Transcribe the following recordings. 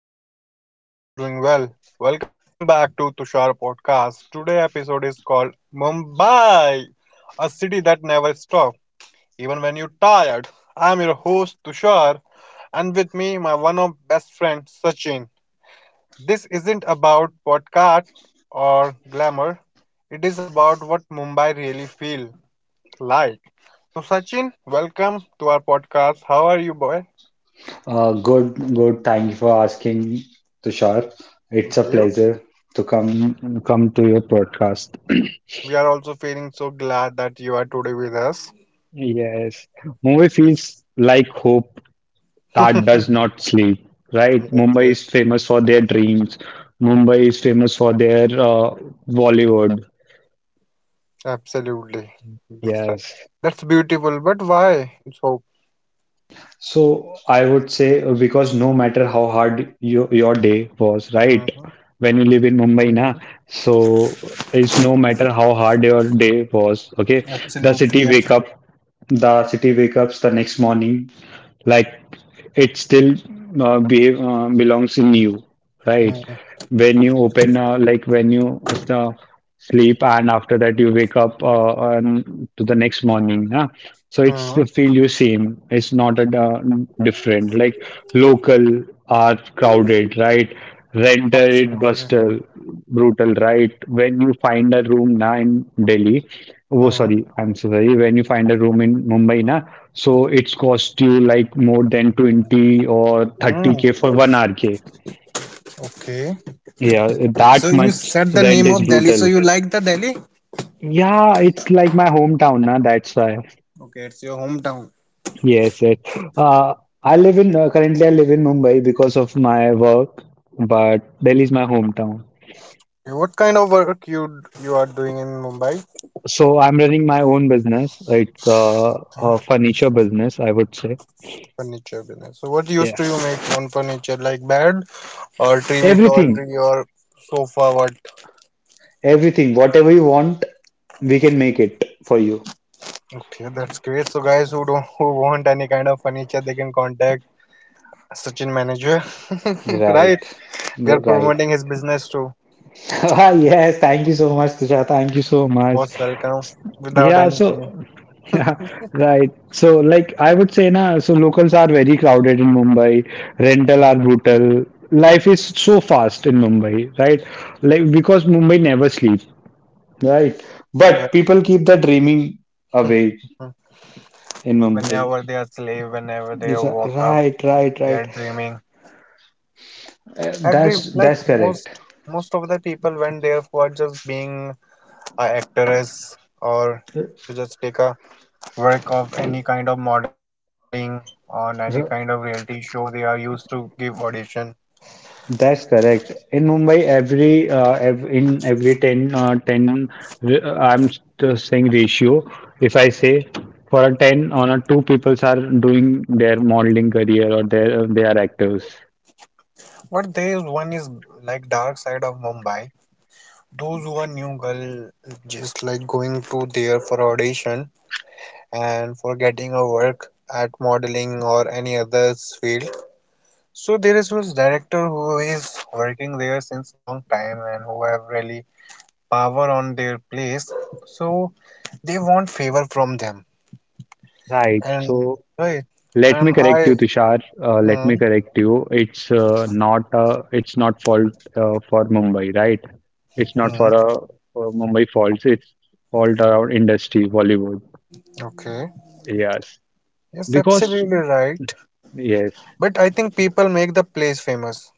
guys, I hope everyone is doing well. Welcome back to Tushar Podcast. Today episode is called Mumbai, a city that never stops, even when you're tired. I'm your host Tushar and with me my one of best friend Sachin. This isn't about podcast or glamour. It is about what Mumbai really feel like. So Sachin, welcome to our podcast. How are you boy? Good, good. Thank you for asking, Tushar. It's Thank a you. pleasure to come to your podcast. We are also feeling so glad that you are today with us. Yes, Mumbai Yes. feels like hope that does not sleep, right? Yes, Mumbai yes, is famous for their dreams. Mumbai is famous for their Bollywood. absolutely. That's right. Yes. That's beautiful, but why? It's hope. So I would say because no matter how hard your day was, right? Hmm. When you live in Mumbai, na, hmm so it's no matter how hard your day was, okay? The city Absolutely, wake up, the city wake ups the next morning like it still belongs in you, right? absolutely. When you open like when you uh, sleep, and after that you wake up on to the next morning, huh? So it's hmm the feel you same, it's not a different, like local are crowded, right? Renter it Absolutely. buster brutal, right? When you find a room now in Delhi, oh hmm sorry, I'm so sorry. When you find a room in Mumbai na, so it's cost you like more than 20 or hmm 30K for one RK. Okay. Yeah, So that you much said the rent name is of Delhi, so brutal. you like the Delhi? Yeah, it's like my hometown na, that's why. Okay, it's your hometown. Yes, yes. Uh, I live in currently I live in Mumbai because of my work, but Delhi is my hometown. Okay, what kind of work you are doing in Mumbai? So I'm running my own business. It's a Okay, furniture business, I would say. furniture business. So what use do you Yes. make on furniture? Like bed, or tree with tall Everything, tree, or sofa what? everything, whatever you want, we can make it for you. Okay, that's great. So guys who don't who want any kind of furniture, they can contact Sachin manager. Right, Right. we are Right. promoting his business too. Yes, thank you so much, Tushar. Thank you so much. Most welcome, without Yeah, any money. so yeah, right. So like I would say na, so locals are very crowded in Mumbai. Rental Mhm. are brutal. Life is so fast in Mumbai, right? Like because Mumbai never sleeps. Right. they, But people keep the dreaming away mm, in Mumbai. Whenever they are slave, whenever they It's a, walk up, right, right, they are right. dreaming every, That's like, most, correct. most of the people went there for just being a actress, or to just take a work of any kind of modeling on any kind of R- reality show. They are used to give audition. That's correct. In Mumbai, every ev in every 10 I'm just saying ratio. If I say for a 10 on a two peoples are doing their modeling career or their they are actors. But there is one is like dark side of Mumbai. Those who are new girl just like going to there for audition and for getting a work at modeling or any other field. So there is this director who is working there since long time and who have really power on their place. So they want favor from them, Right. and So right let me and correct you, I Tushar. Let me Mm-hmm. correct you. It's not it's not fault for Mumbai, right? It's not for a for Mumbai faults. It's fault around industry, Bollywood. Okay. Yes, Yes, because absolutely right. yes, But I think people make the place famous,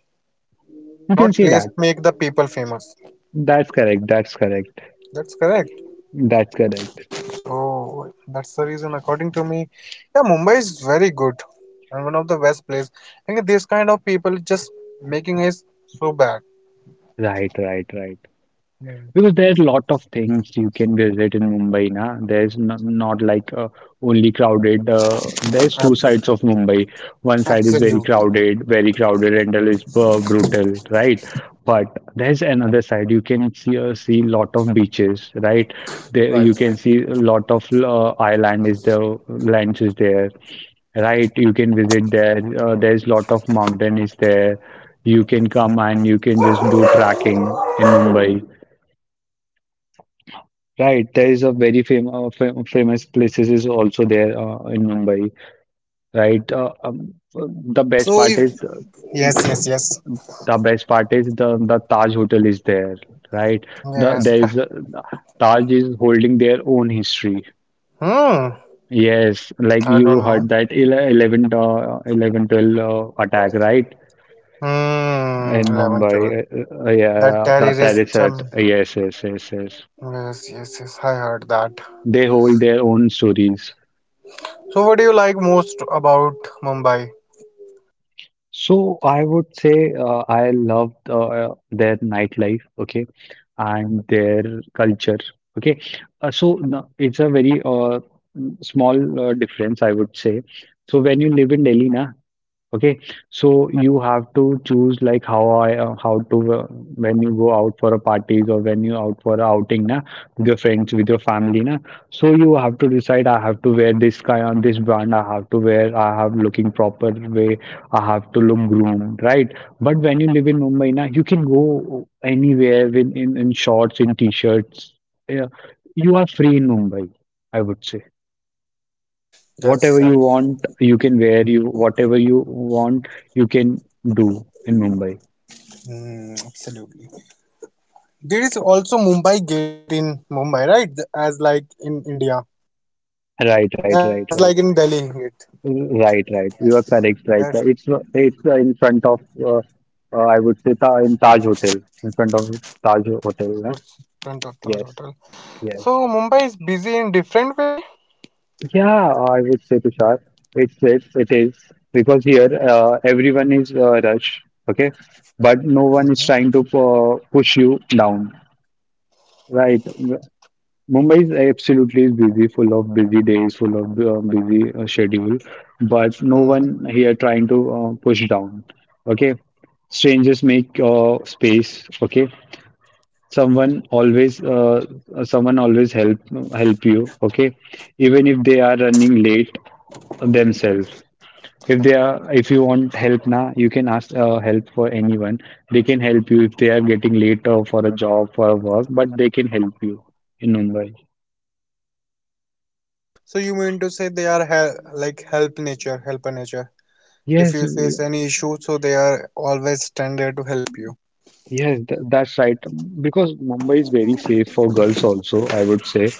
you can not see that. place make the people famous. That's correct. That's correct. That's correct. That's correct. So that's the reason, according to me, yeah, Mumbai is very good and one of the best place. I think this kind of people just making is so bad. Right, right, right. Mm. Because there are a lot of things you can visit in Mumbai na. There's not like only crowded. There's two Ab- sides of Mumbai. One side is Absolutely. Very crowded, and that is brutal, right? But there's another side. You can see lot of beaches, right? There Right, you can right. see a lot of island is the lands is there, right? You can visit there. There's lot of mountain is there. You can come and you can just do trekking in Mumbai. Right, there is a very famous places is also there in Mumbai, right? So if, yes, yes, yes, The best part is the Taj Hotel is there, right? The yes. there is a, Taj is holding their own history. Hmm. Yes, like I you don't heard know. that 11 12 attack, right? Hmm. In 11, 12. Mumbai, That yeah, the terrorist. terrorist. Yes, yes, yes, yes. Yes, yes, yes. I heard that. They hold their own stories. So, what do you like most about Mumbai? So I would say I loved their nightlife, okay, and their culture, okay. So no, it's a very small difference, I would say. So when you live in Delhi, na, okay, so you have to choose, like how I how to when you go out for a parties or when you out for a outing na with your friends, with your family na. So you have to decide, I have to wear this kind of this brand, I have to wear, I have looking proper way, I have to look groomed, right. But when you live in Mumbai na, you can go anywhere with in shorts, in t-shirts. Yeah, you are free in Mumbai, I would say. Whatever That's ab- you want, you can wear. You whatever you want, you can do in Mumbai. Absolutely. There is also Mumbai Gate in Mumbai, right? As like in India. Right, Sorry, right, as right, like right, in Delhi Gate. right, right. You are correct. Right, That's right. It's in front of I would say ta in Taj Hotel, in front of Taj Hotel, huh? what's Front of Taj Yes, Hotel. yes. So Mumbai is busy in different way. Yeah, I would say Tushar. It's it is because here everyone is rush. Okay, but no one is hmm trying to push you down. Right. Mumbai is absolutely busy, full of busy days, full of busy schedule, but no one here trying to push down. Okay, strangers make space. Okay, someone always, uh, someone always help you. Okay, even if they are running late themselves. If they are, if you want help now, you can ask help for anyone. They can help you if they are getting late for a job, for a work, but they can help you in Mumbai. So you mean to say they are like help nature, helper nature. If Yes, you face any issue, so they are always stand there to help you. Yes, th that's right. Because Mumbai is very safe for girls also, I would say.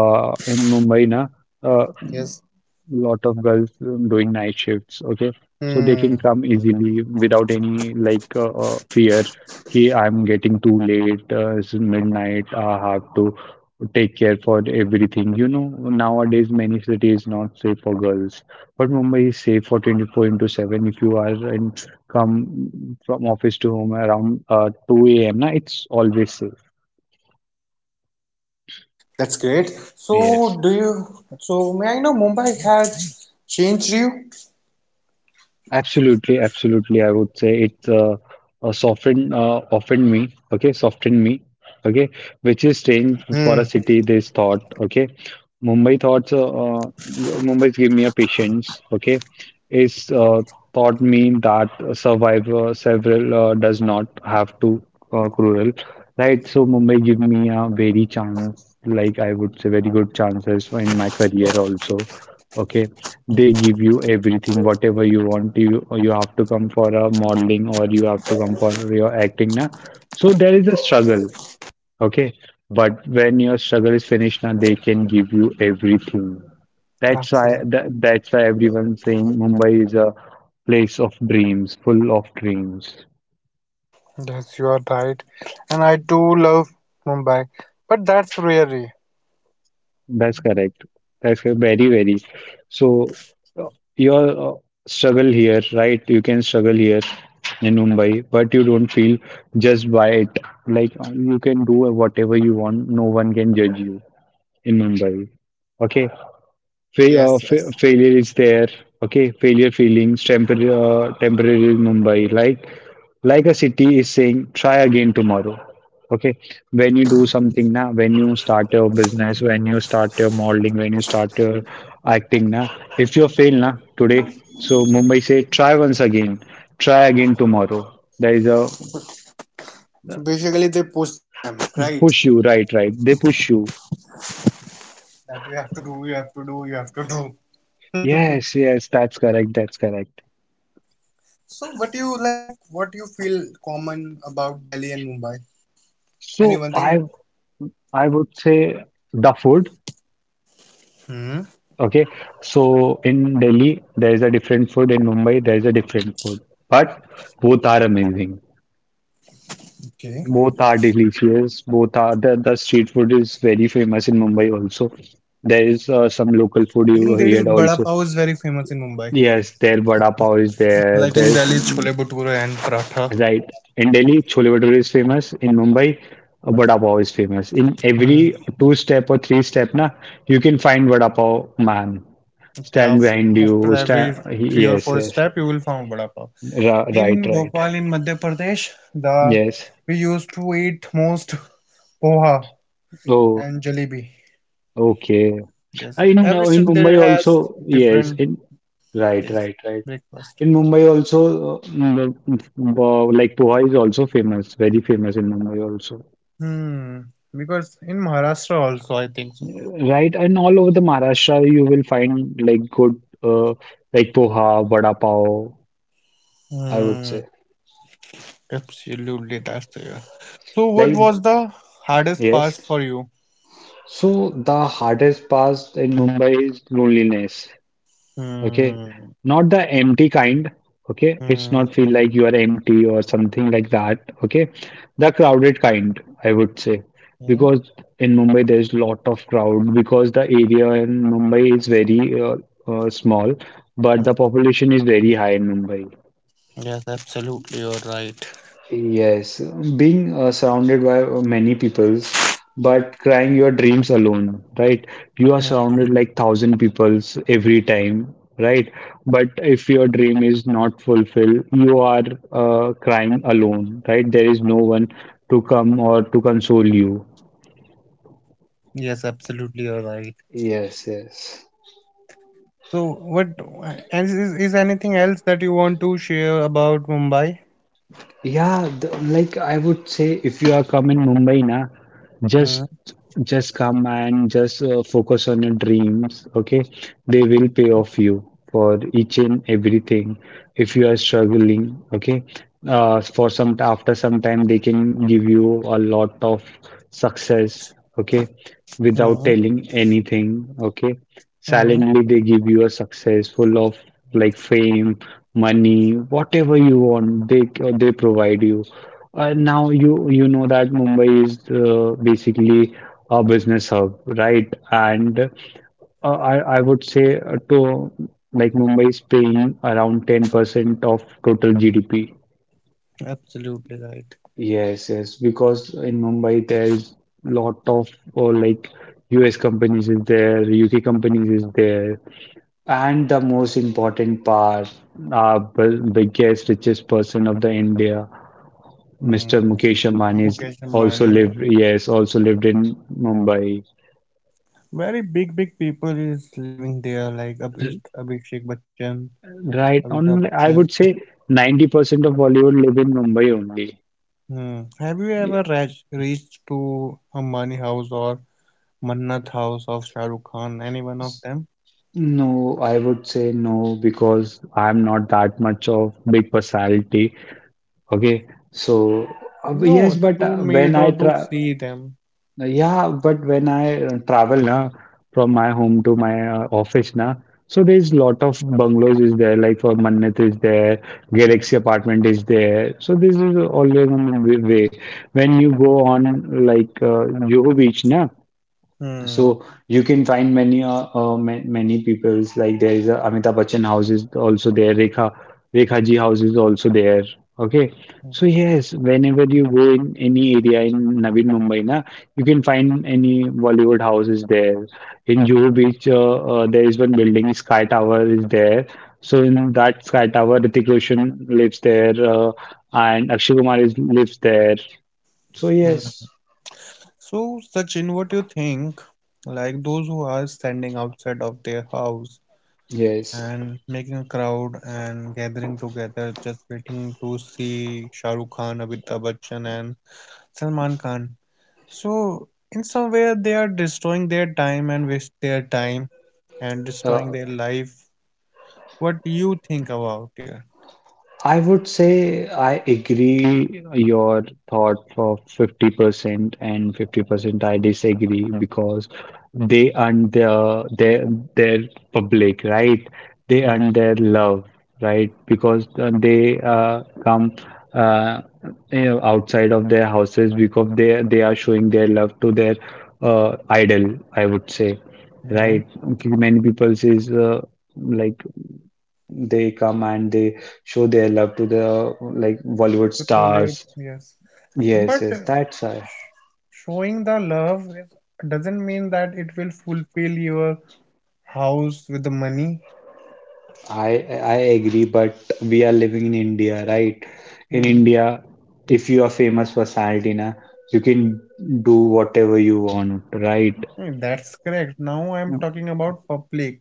In Mumbai, na, uh, Yes. lot of girls doing night shifts, okay, so they can Hmm. come easily without any like fear कि I'm getting too late, it's midnight, I have to take care for everything, you know, nowadays many cities not safe for girls, but Mumbai is safe for 24 into 7. If you are and come from office to home around 2 a.m. na, it's always safe, That's great. yes. So, do you? So, may I know Mumbai has changed you? Absolutely, absolutely. I would say it's softened, softened me, okay, which is strange for a Hmm, city this thought, okay. Mumbai's give me a patience, okay, is taught me that a survivor several does not have to cruel, right? So Mumbai give me a very chance, like I would say, very good chances in my career also, okay. They give you everything, whatever you want. You have to come for a modeling, or you have to come for your acting now. So there is a struggle, okay? But when your struggle is finished now, they can give you everything. Absolutely. That's why everyone's saying Mumbai is a place of dreams, full of dreams. Yes, you are right. And I do love Mumbai, but that's really. That's correct. That's correct, very, very. So uh, your struggle here, right? You can struggle here in Mumbai, but you don't feel judged by it. Like you can do whatever you want. No one can judge you in Mumbai. Okay. Yes, yes. Failure is there. Okay, failure feelings, temporary, temporary Mumbai. Like a city is saying, try again tomorrow. Okay, when you do something now, when you start your business, when you start your modeling, when you start your acting now, if you fail now today, so Mumbai say try once again, try again tomorrow. There is a So basically, they push them, right? push you, right, right. They push you. That you have to do, you have to do, you have to do. Yes, yes, that's correct, that's correct. So, what do you like? What do you feel common about Delhi and Mumbai? Any one So thing? I would say the food. Hmm. Okay, so in Delhi there is a different food, in Mumbai there is a different food, but both are amazing. Okay. Both are delicious. Both are the street food is very famous in Mumbai also. There is some local food I you think there is hear Bada also. Pav is very famous in Mumbai. Yes, there vada pav is there. Like in There's Delhi, chole bhature and paratha. right. In Delhi, Chole Bhature is famous. In Mumbai, Vada Pav is famous. In every Hmm. two step or three step, na, you can find Vada Pav man. Okay, Stand behind after you. Stand. every three or Yes, four yes. step, you will find vada pav. Right, In right. Bhopal, in Madhya Pradesh, the Yes. we used to eat most poha Oh, and jalebi. okay. Yes, I every know in state there Mumbai has also. Yes. different, In right, yes, right, right. breakfast. In Mumbai also, like poha is also famous. Very famous in Mumbai also. Hmm, because in Maharashtra also, I think so. Right, and all over the Maharashtra, you will find like good, like poha, vada pav, I would Hmm, say. absolutely, that's the, yeah. So, what Like, was the hardest part yes. for you? So the hardest part in Mumbai is loneliness. Okay, Hmm. not the empty kind. Okay, it's Hmm. not feel like you are empty or something like that, okay, the crowded kind, I would say. Yeah. Because in Mumbai there's lot of crowd, because the area in Mumbai is very uh, small, but the hmm. population is very high in Mumbai. Yes, absolutely, you're right. Yes, being surrounded by many peoples, but crying your dreams alone, right? You are Hmm. hmm. surrounded like thousand peoples every time, right? But if your dream is not fulfilled, you are crying alone, right? There is no one to come or to console you. Yes, absolutely, you're right. Yes, yes. So, what and is anything else that you want to share about Mumbai? Yeah, the, like I would say, if you are come in Mumbai, na, Mm, just just come and just focus on your dreams. Okay, they will pay off you for each and everything. If you are struggling, okay, for some after some time they can give you a lot of success. Okay, without mm, telling anything. Okay, mm, silently they give you a success full of like fame, money, whatever you want, they provide you. Now you know that Mumbai is basically a business hub, right? And I would say to like Mumbai is paying around 10% of total GDP. absolutely right. Yes, yes, because in Mumbai there is lot of or like US companies is there, UK companies is there, and the most important part, our biggest, richest person of the India, Mm. Mr. Mukesh Ambani, Mukesh is Ambani, also lived, yes, also lived in Mumbai. very big, big people is living there, like Abhishek Bachchan, Right Amitabh on, Bachchan. I would say 90% of Bollywood live in Mumbai only. Mm. Have you ever reached to Ambani house or Mannat house of Shah Rukh Khan? Any one of them? Yes. No, I would say no because I'm not that much of big personality. Okay, so No, yes, it's but to meet when or I to try. see them. Yeah, but when I travel na from my home to my office na, so there's lot of bungalows is there like for Mannat is there, Galaxy apartment is there. So this is always on the way. When you go on like Juhu Beach na, Mm. so you can find many many people's like there is a Amitabh Bachchan house is also there, Rekha ji house is also there. Okay, so yes, whenever you go in any area in Navi Mumbai, na you can find any Bollywood house is there. In Juhu Beach, there is one building, Sky Tower is there. So in that Sky Tower, Hrithik Roshan lives there, and Akshay Kumar is lives there. So Mm. yes, So, Sachin, what do you think? Like those who are standing outside of their house yes. and making a crowd and gathering together, just waiting to see Shah Rukh Khan, Amitabh Bachchan, and Salman Khan. So, in some way, they are destroying their time and waste their time and destroying their life. What do you think about here? I would say I agree your thought for 50% and 50% I disagree because they earn their public, right? They earn their love, right? Because they come uh, outside of their houses because they are showing their love to their idol, I would say, Mhm. right? Okay, many people says like they come and they show their love to the like Bollywood So through their stars. Yes, Yes, but yes, that's why. showing the love is, doesn't mean that it will fulfill your house with the money. I I agree, but we are living in India, right? In Hmm. India, if you are famous personality na, you can do whatever you want, right? Hmm, that's correct. Now I'm talking about public,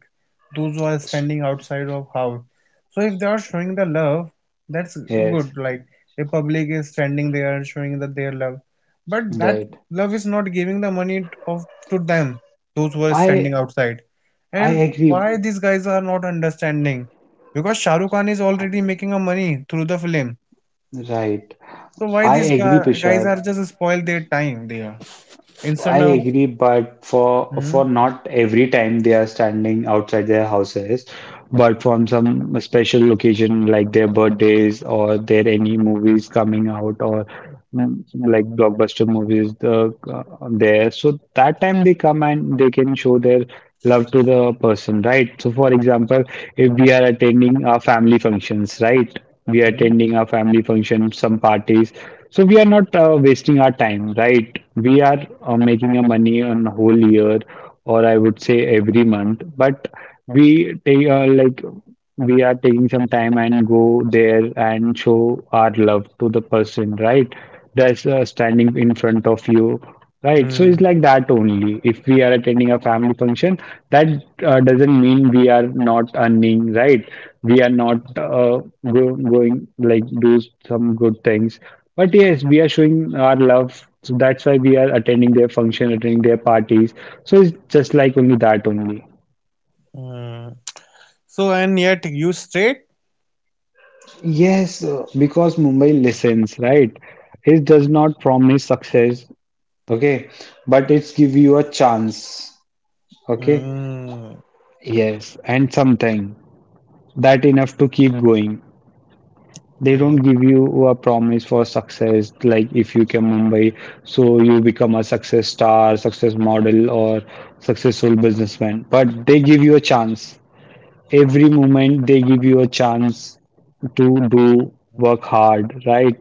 those who are standing outside of house. So if they are showing the love, that's good. Yes, Like a public is standing there and showing that their love, but that right. love is not giving the money t- of to them, those who are I standing outside. I And agree, why these guys are not understanding? Because Shah Rukh Khan is already making a money through the film. right. So why I these agree, guys Tushar. are just spoil their time there I instead of agree, but for hmm, not every time they are standing outside their houses, but from some special occasion like their birthdays or their any movies coming out or like blockbuster movies the there. So that time they come and they can show their love to the person, right? So for example, if we are attending our family functions, right? hmm, We are attending a family function, some parties. So we are not wasting our time, right? We are making a money on whole year, or I would say every month. But we take like we are taking some time and go there and show our love to the person, right? That's standing in front of you, hmm. right, so it's like that only. If we are attending a family function, that doesn't mean we are not earning, right. We are not going like do some good things, but yes we are showing our love, so that's why we are attending their function, attending their parties, so it's just like only that only. Mm. So, and yet you straight? Yes, because Mumbai listens, right? It does not promise success, okay, but it's give you a chance. Okay. Mm. Yes. And something that enough to keep going. They don't Okay. give you a promise for success, like if you came Mumbai, so you become a success star, success model, or successful businessman. But they give you a chance. Every moment they give you a chance to Mm. do work hard, right?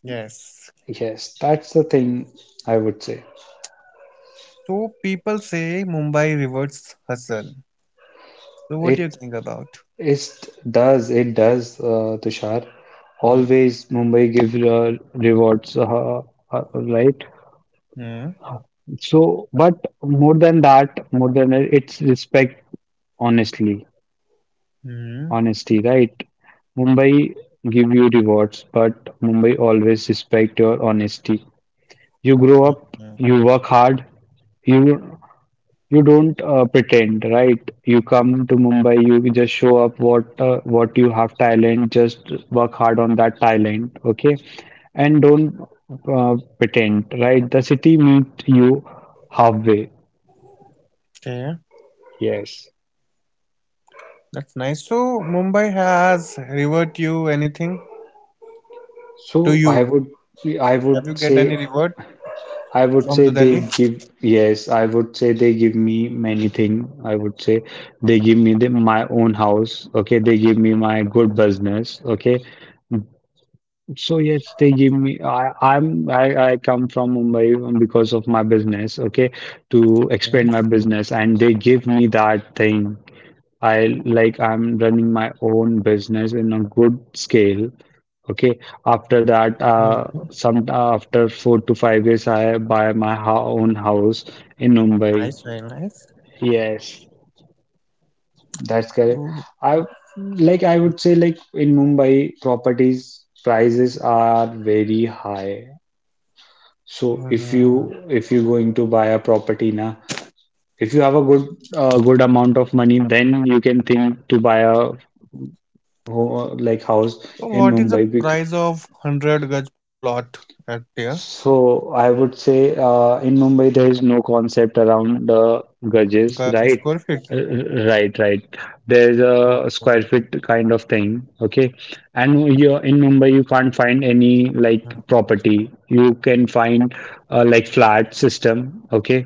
Yes. Yes, that's the thing I would say. So people say Mumbai reverts hustle. So what do you It think about? It does, it does, Tushar. Mm. Always Mumbai gives rewards, right? Mm. So, but more than that, more than it, it's respect, honestly, Mm. honesty, right? Mumbai give you rewards, but Mumbai always respect your honesty. You grow Mm. up, Mm. you work hard, you You don't pretend, right? You come to Mumbai, you just show up what you have talent, just work hard on that talent, okay? And don't pretend, right? The city meet you halfway. Okay, Yes. that's nice. So Mumbai has revert you anything to So you? I Have you would get any say revert I would from say the they Delhi? give, yes, I would say they give me many things. I would say they give me my own house, okay? They give me my good business, okay? So Mm. yes, they give me. I come from Mumbai because of my business. Okay, to expand Mm. my business, and they give me that thing. I'm running my own business in a good scale. Okay, after that, Mm. some after 4 to 5 years, I buy my ho own house in Mumbai. Nice, very nice. Yes, that's correct. So, I I would say like in Mumbai, properties prices are very high. So if you mm. if you're going to buy a property now, if you have a good amount of money, then you can think to buy a like house So in what is the Mumbai. Price of 100 gaj plot at there? So I would say in Mumbai there is no concept around Got you. garages, Square right? feet. Right, right. There's Oh, oh, a square feet kind of thing, okay? And you in Mumbai, you can't find any mm, like property. You can find like flat system, okay?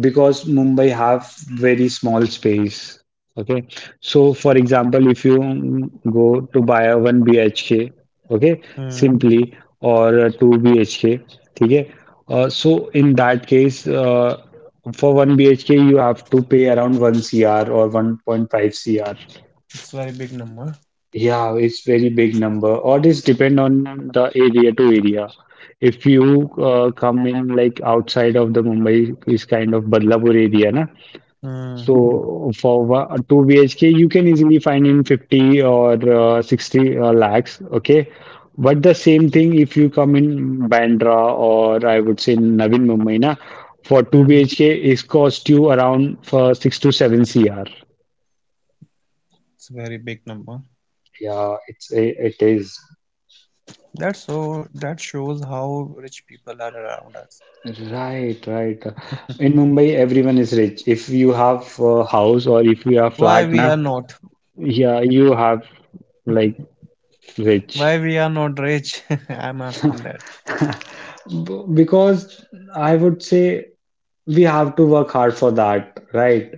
Because Mumbai have very small space. Okay, so for example, if you go to buy a one BHK, okay, mm. simply or a two BHK, okay. So in that case, for one BHK you have to pay around one CR or 1.5 CR. It's very big number. Yeah, it's very big number, or this depend on the area to area. If you come in like outside of the Mumbai is kind of Badlapur area, na Mm, so for 2 BHK, you can easily find in 50 or 60 lakhs. Okay. But the same yeah, thing if you come in Bandra or I would say Navi Mumbai, na, for 2 mm. BHK, it cost you around for 6 to 7 CR. It's very big number. Yeah, it is. That's so. That shows how rich people are around us. Right, right. In Mumbai, everyone is rich. If you have a house or if you have Why flat, we na, are not? yeah, you have like rich. Why we are not rich? I'm asking that. Because I would say we have to work hard for that, right?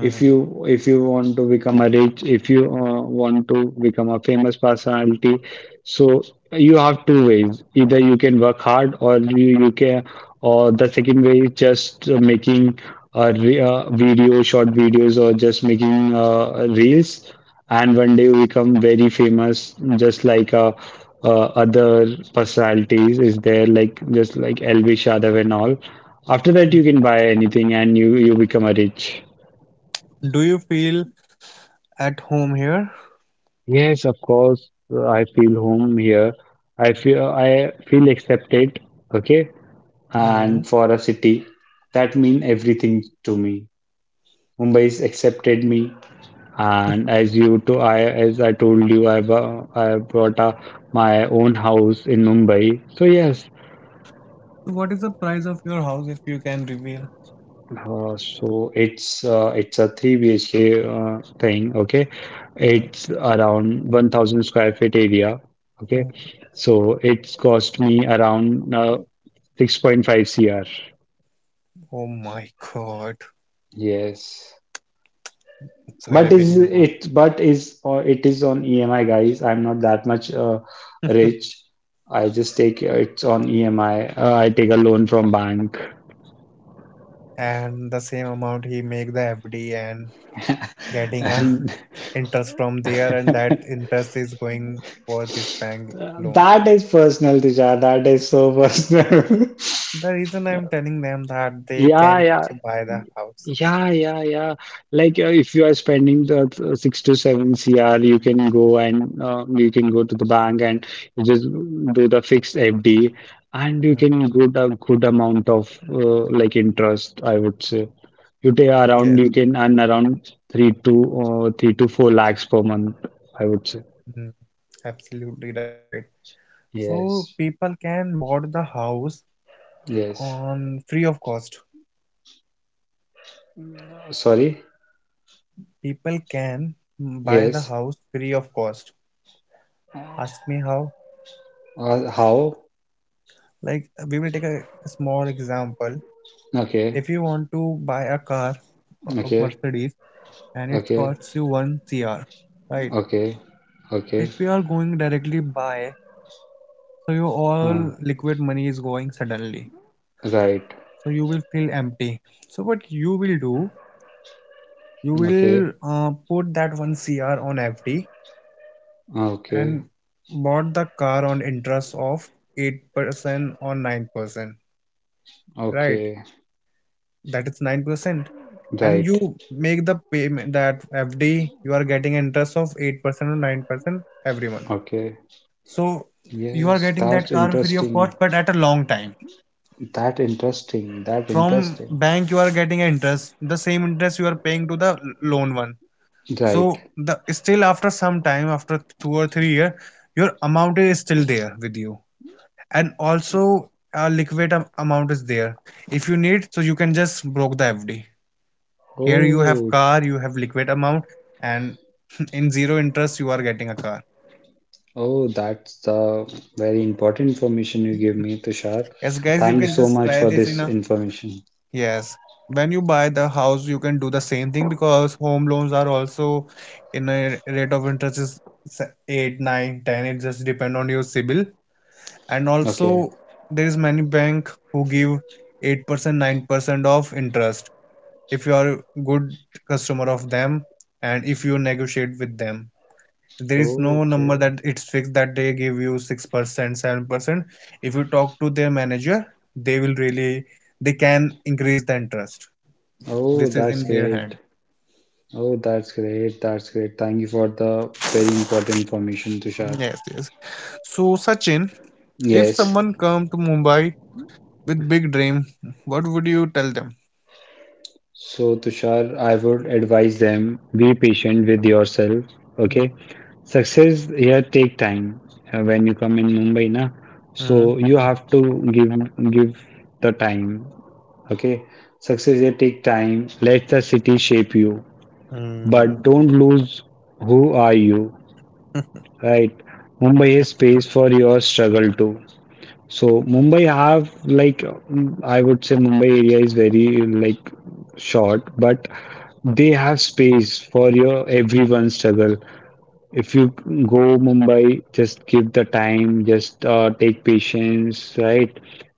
If you if you want to become a rich, if you want to become a famous personality, so you have two ways. Either you can work hard, or or the second way is just making a video, short videos, or just making reels, and one day you become very famous just like other personalities is there like just like Elvis Yadav and all. After that you mm. can buy anything, and you become a rich. Do you feel at home here? Yes, of course, I feel home here. I feel accepted, okay, and Mm. for a city that mean everything to me, Mumbai's accepted me. And as you to I as I told you, I bought my own house in Mumbai. So yes, What is the price of your house if you can reveal? It's a three BHK thing. Okay, Mm. it's around 1,000 square feet area. Okay, mm. so it's cost me around Oh 6.5 CR. oh my God, Yes. it's a But very big is number. it but is or it is on EMI, guys. I'm not that much rich. I just take it's on EMI. I take a loan from bank, And the same amount he make the FD and getting a and interest from there and that that interest is going for this bank loan. is personal, Tisha. That is so personal. The reason I'm telling them that they Yeah, can yeah. also buy the house. Yeah, yeah, yeah. Like if you are spending the 6 to 7 CR, you can go to the bank, and you just do the fixed FD, and Mm, you can get a good amount of like interest. I would say yes, you can earn around 3 to 4 lakhs per month. I would say mm, absolutely right. So people yes, can board the house yes. on free of cost. Sorry, People can mm, buy the house yes. free of cost. Ask me how? How? Like we will take a small example. If you Okay, want to buy a car of okay, Mercedes and it okay. costs you 1 CR, right? Okay, If okay, you are going directly by, so your uh, all liquid money is going suddenly, right, so you will feel empty. So what you will do, you okay, will put that 1 cr on fd ah, okay, and bought the car on interest of 8% or 9%, right? okay, That is 9%. And right, you make the payment. That fd, you are getting interest of 8% or 9% every month. okay. So you are Yes, getting that that's car free of interesting. cost but at a long time. That interesting. That From interesting. bank, you are getting an interest. The same interest you are paying to the loan one. So Right. the still after some time, after 2 or 3 year, your amount is still there with you, and also a liquid amount is there. If you need so, you can just broke the fd. Here you Oh, have car, you have liquid amount, and in zero interest you are getting a car. oh, that's the very important information you give me, Tushar. Yes guys, you Thank you can so just much try for this in this a information. yes. When you buy the house, you can do the same thing because home loans are also in a rate of interest is 8, 9, 10. It just depend on your CIBIL. And Okay. also there is many bank who give 8%, 9% of interest if you are a good customer of them and if you negotiate with them. There is no Okay. number that it's fixed that they give you 6%, 7%. If you talk to their manager, they will really they can increase the interest. Oh, This is that's in their great. hand. Oh, that's great. That's great. Thank you for the very important information, Tushar. Yes, yes. So Sachin, if Yes. someone come to Mumbai with big dream, what would you tell them? So, Tushar, I would advise them be patient with yourself. Okay, success here take time. When you come in Mumbai, na, so Mm-hmm. you have to give the time. Okay, success here take time. Let the city shape you, but don't lose who are you. Right, Mumbai is space Absolutely. for your struggle too. So Mumbai have like I would say Mumbai area is very like short, but they have space for your everyone's struggle. If you go Mumbai, just give the time, just take patience, right?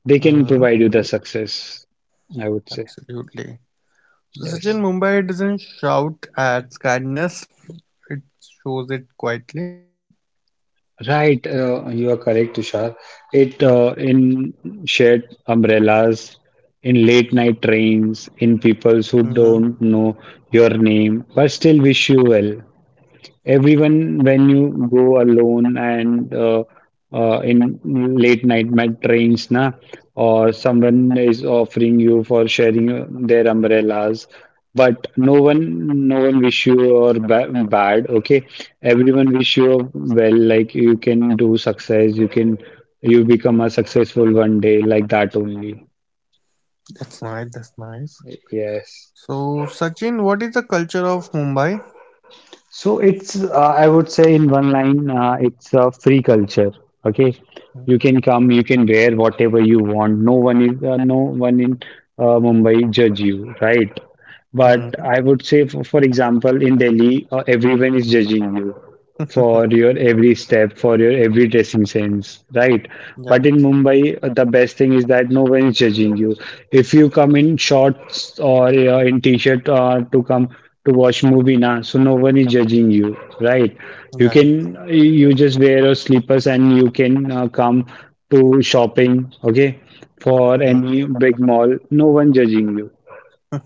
They can Uh-huh. provide you the success, I would say. Absolutely. So Sachin, Yes. Mumbai doesn't shout at kindness. It shows it quietly. Right, you are correct, Tushar. It in shared umbrellas, in late night trains, in people Mm-hmm. who don't know your name but still wish you well. Everyone, when you go alone and in late night mat trains, na, or someone is offering you for sharing their umbrellas, but no one, no one wish you or ba bad. Okay, everyone wish you well. Like you can do success, you can, you become a successful one day, like that only. That's nice. That's nice. Yes. So Sachin, what is the culture of Mumbai? So it's, I would say in one line, it's a free culture. Okay, you can come, you can wear whatever you want. No one in Mumbai judge you, right? But I would say, for example, in Delhi, everyone is judging you Mm-hmm. for your every step, for your every dressing sense, right? But in Right. Mumbai, the best thing is that no one is judging you. If you come in shorts or in t-shirt to come to watch movie, na, so no one is judging you, Right. You Right. can you just wear your slippers, and you can come to shopping, okay? For any big mall, no one judging you.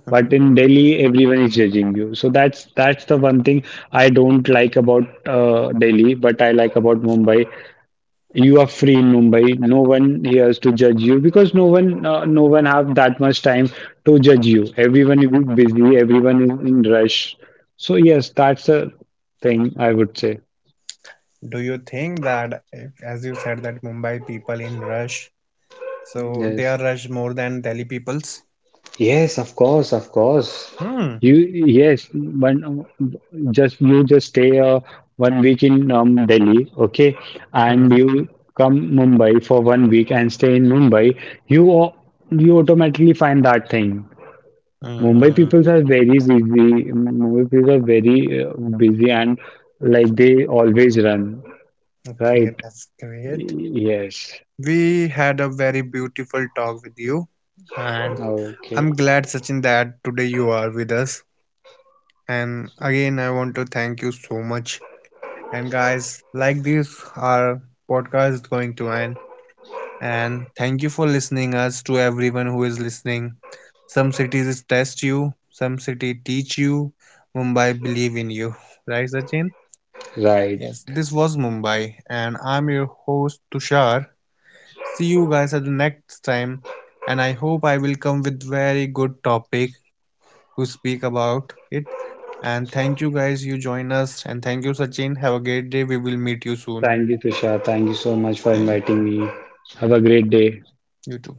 But in Delhi, everyone is judging you. So that's the one thing I don't like about Delhi, but I like about Mumbai. You are free in Mumbai. No one here is to judge you because no one have that much time to judge you. Everyone is busy. Everyone is in rush. So yes, that's a thing I would say. Do you think that, if, as you said, that Mumbai people in rush, so they are rush more than Delhi peoples? Hmm. You yes, one just you just stay one week in Delhi, okay, Hmm. and you come Mumbai for one week and stay in Mumbai. You au- you automatically find that thing. Mumbai Hmm. people are very busy. Mumbai people are very busy, and like they always run, Okay, right? that's great. Yes, We had a very beautiful talk with you, and I'm glad, Sachin, that today you are with us. And again, I want to thank you so much. And guys, like this, our podcast is going to end. And thank you for listening us, to everyone who is listening. Some cities test you, some city teach you. Mumbai believe in you. Right, Sachin? right. Yes, this was Mumbai, and I'm your host Tushar. See you guys at the next time, and I hope I will come with very good topic to speak about it. And thank you guys, you join us, and thank you Sachin. Have a great day. We will meet you soon. Thank you, Tushar. Thank you so much for Thank inviting me. Have a great day. you too.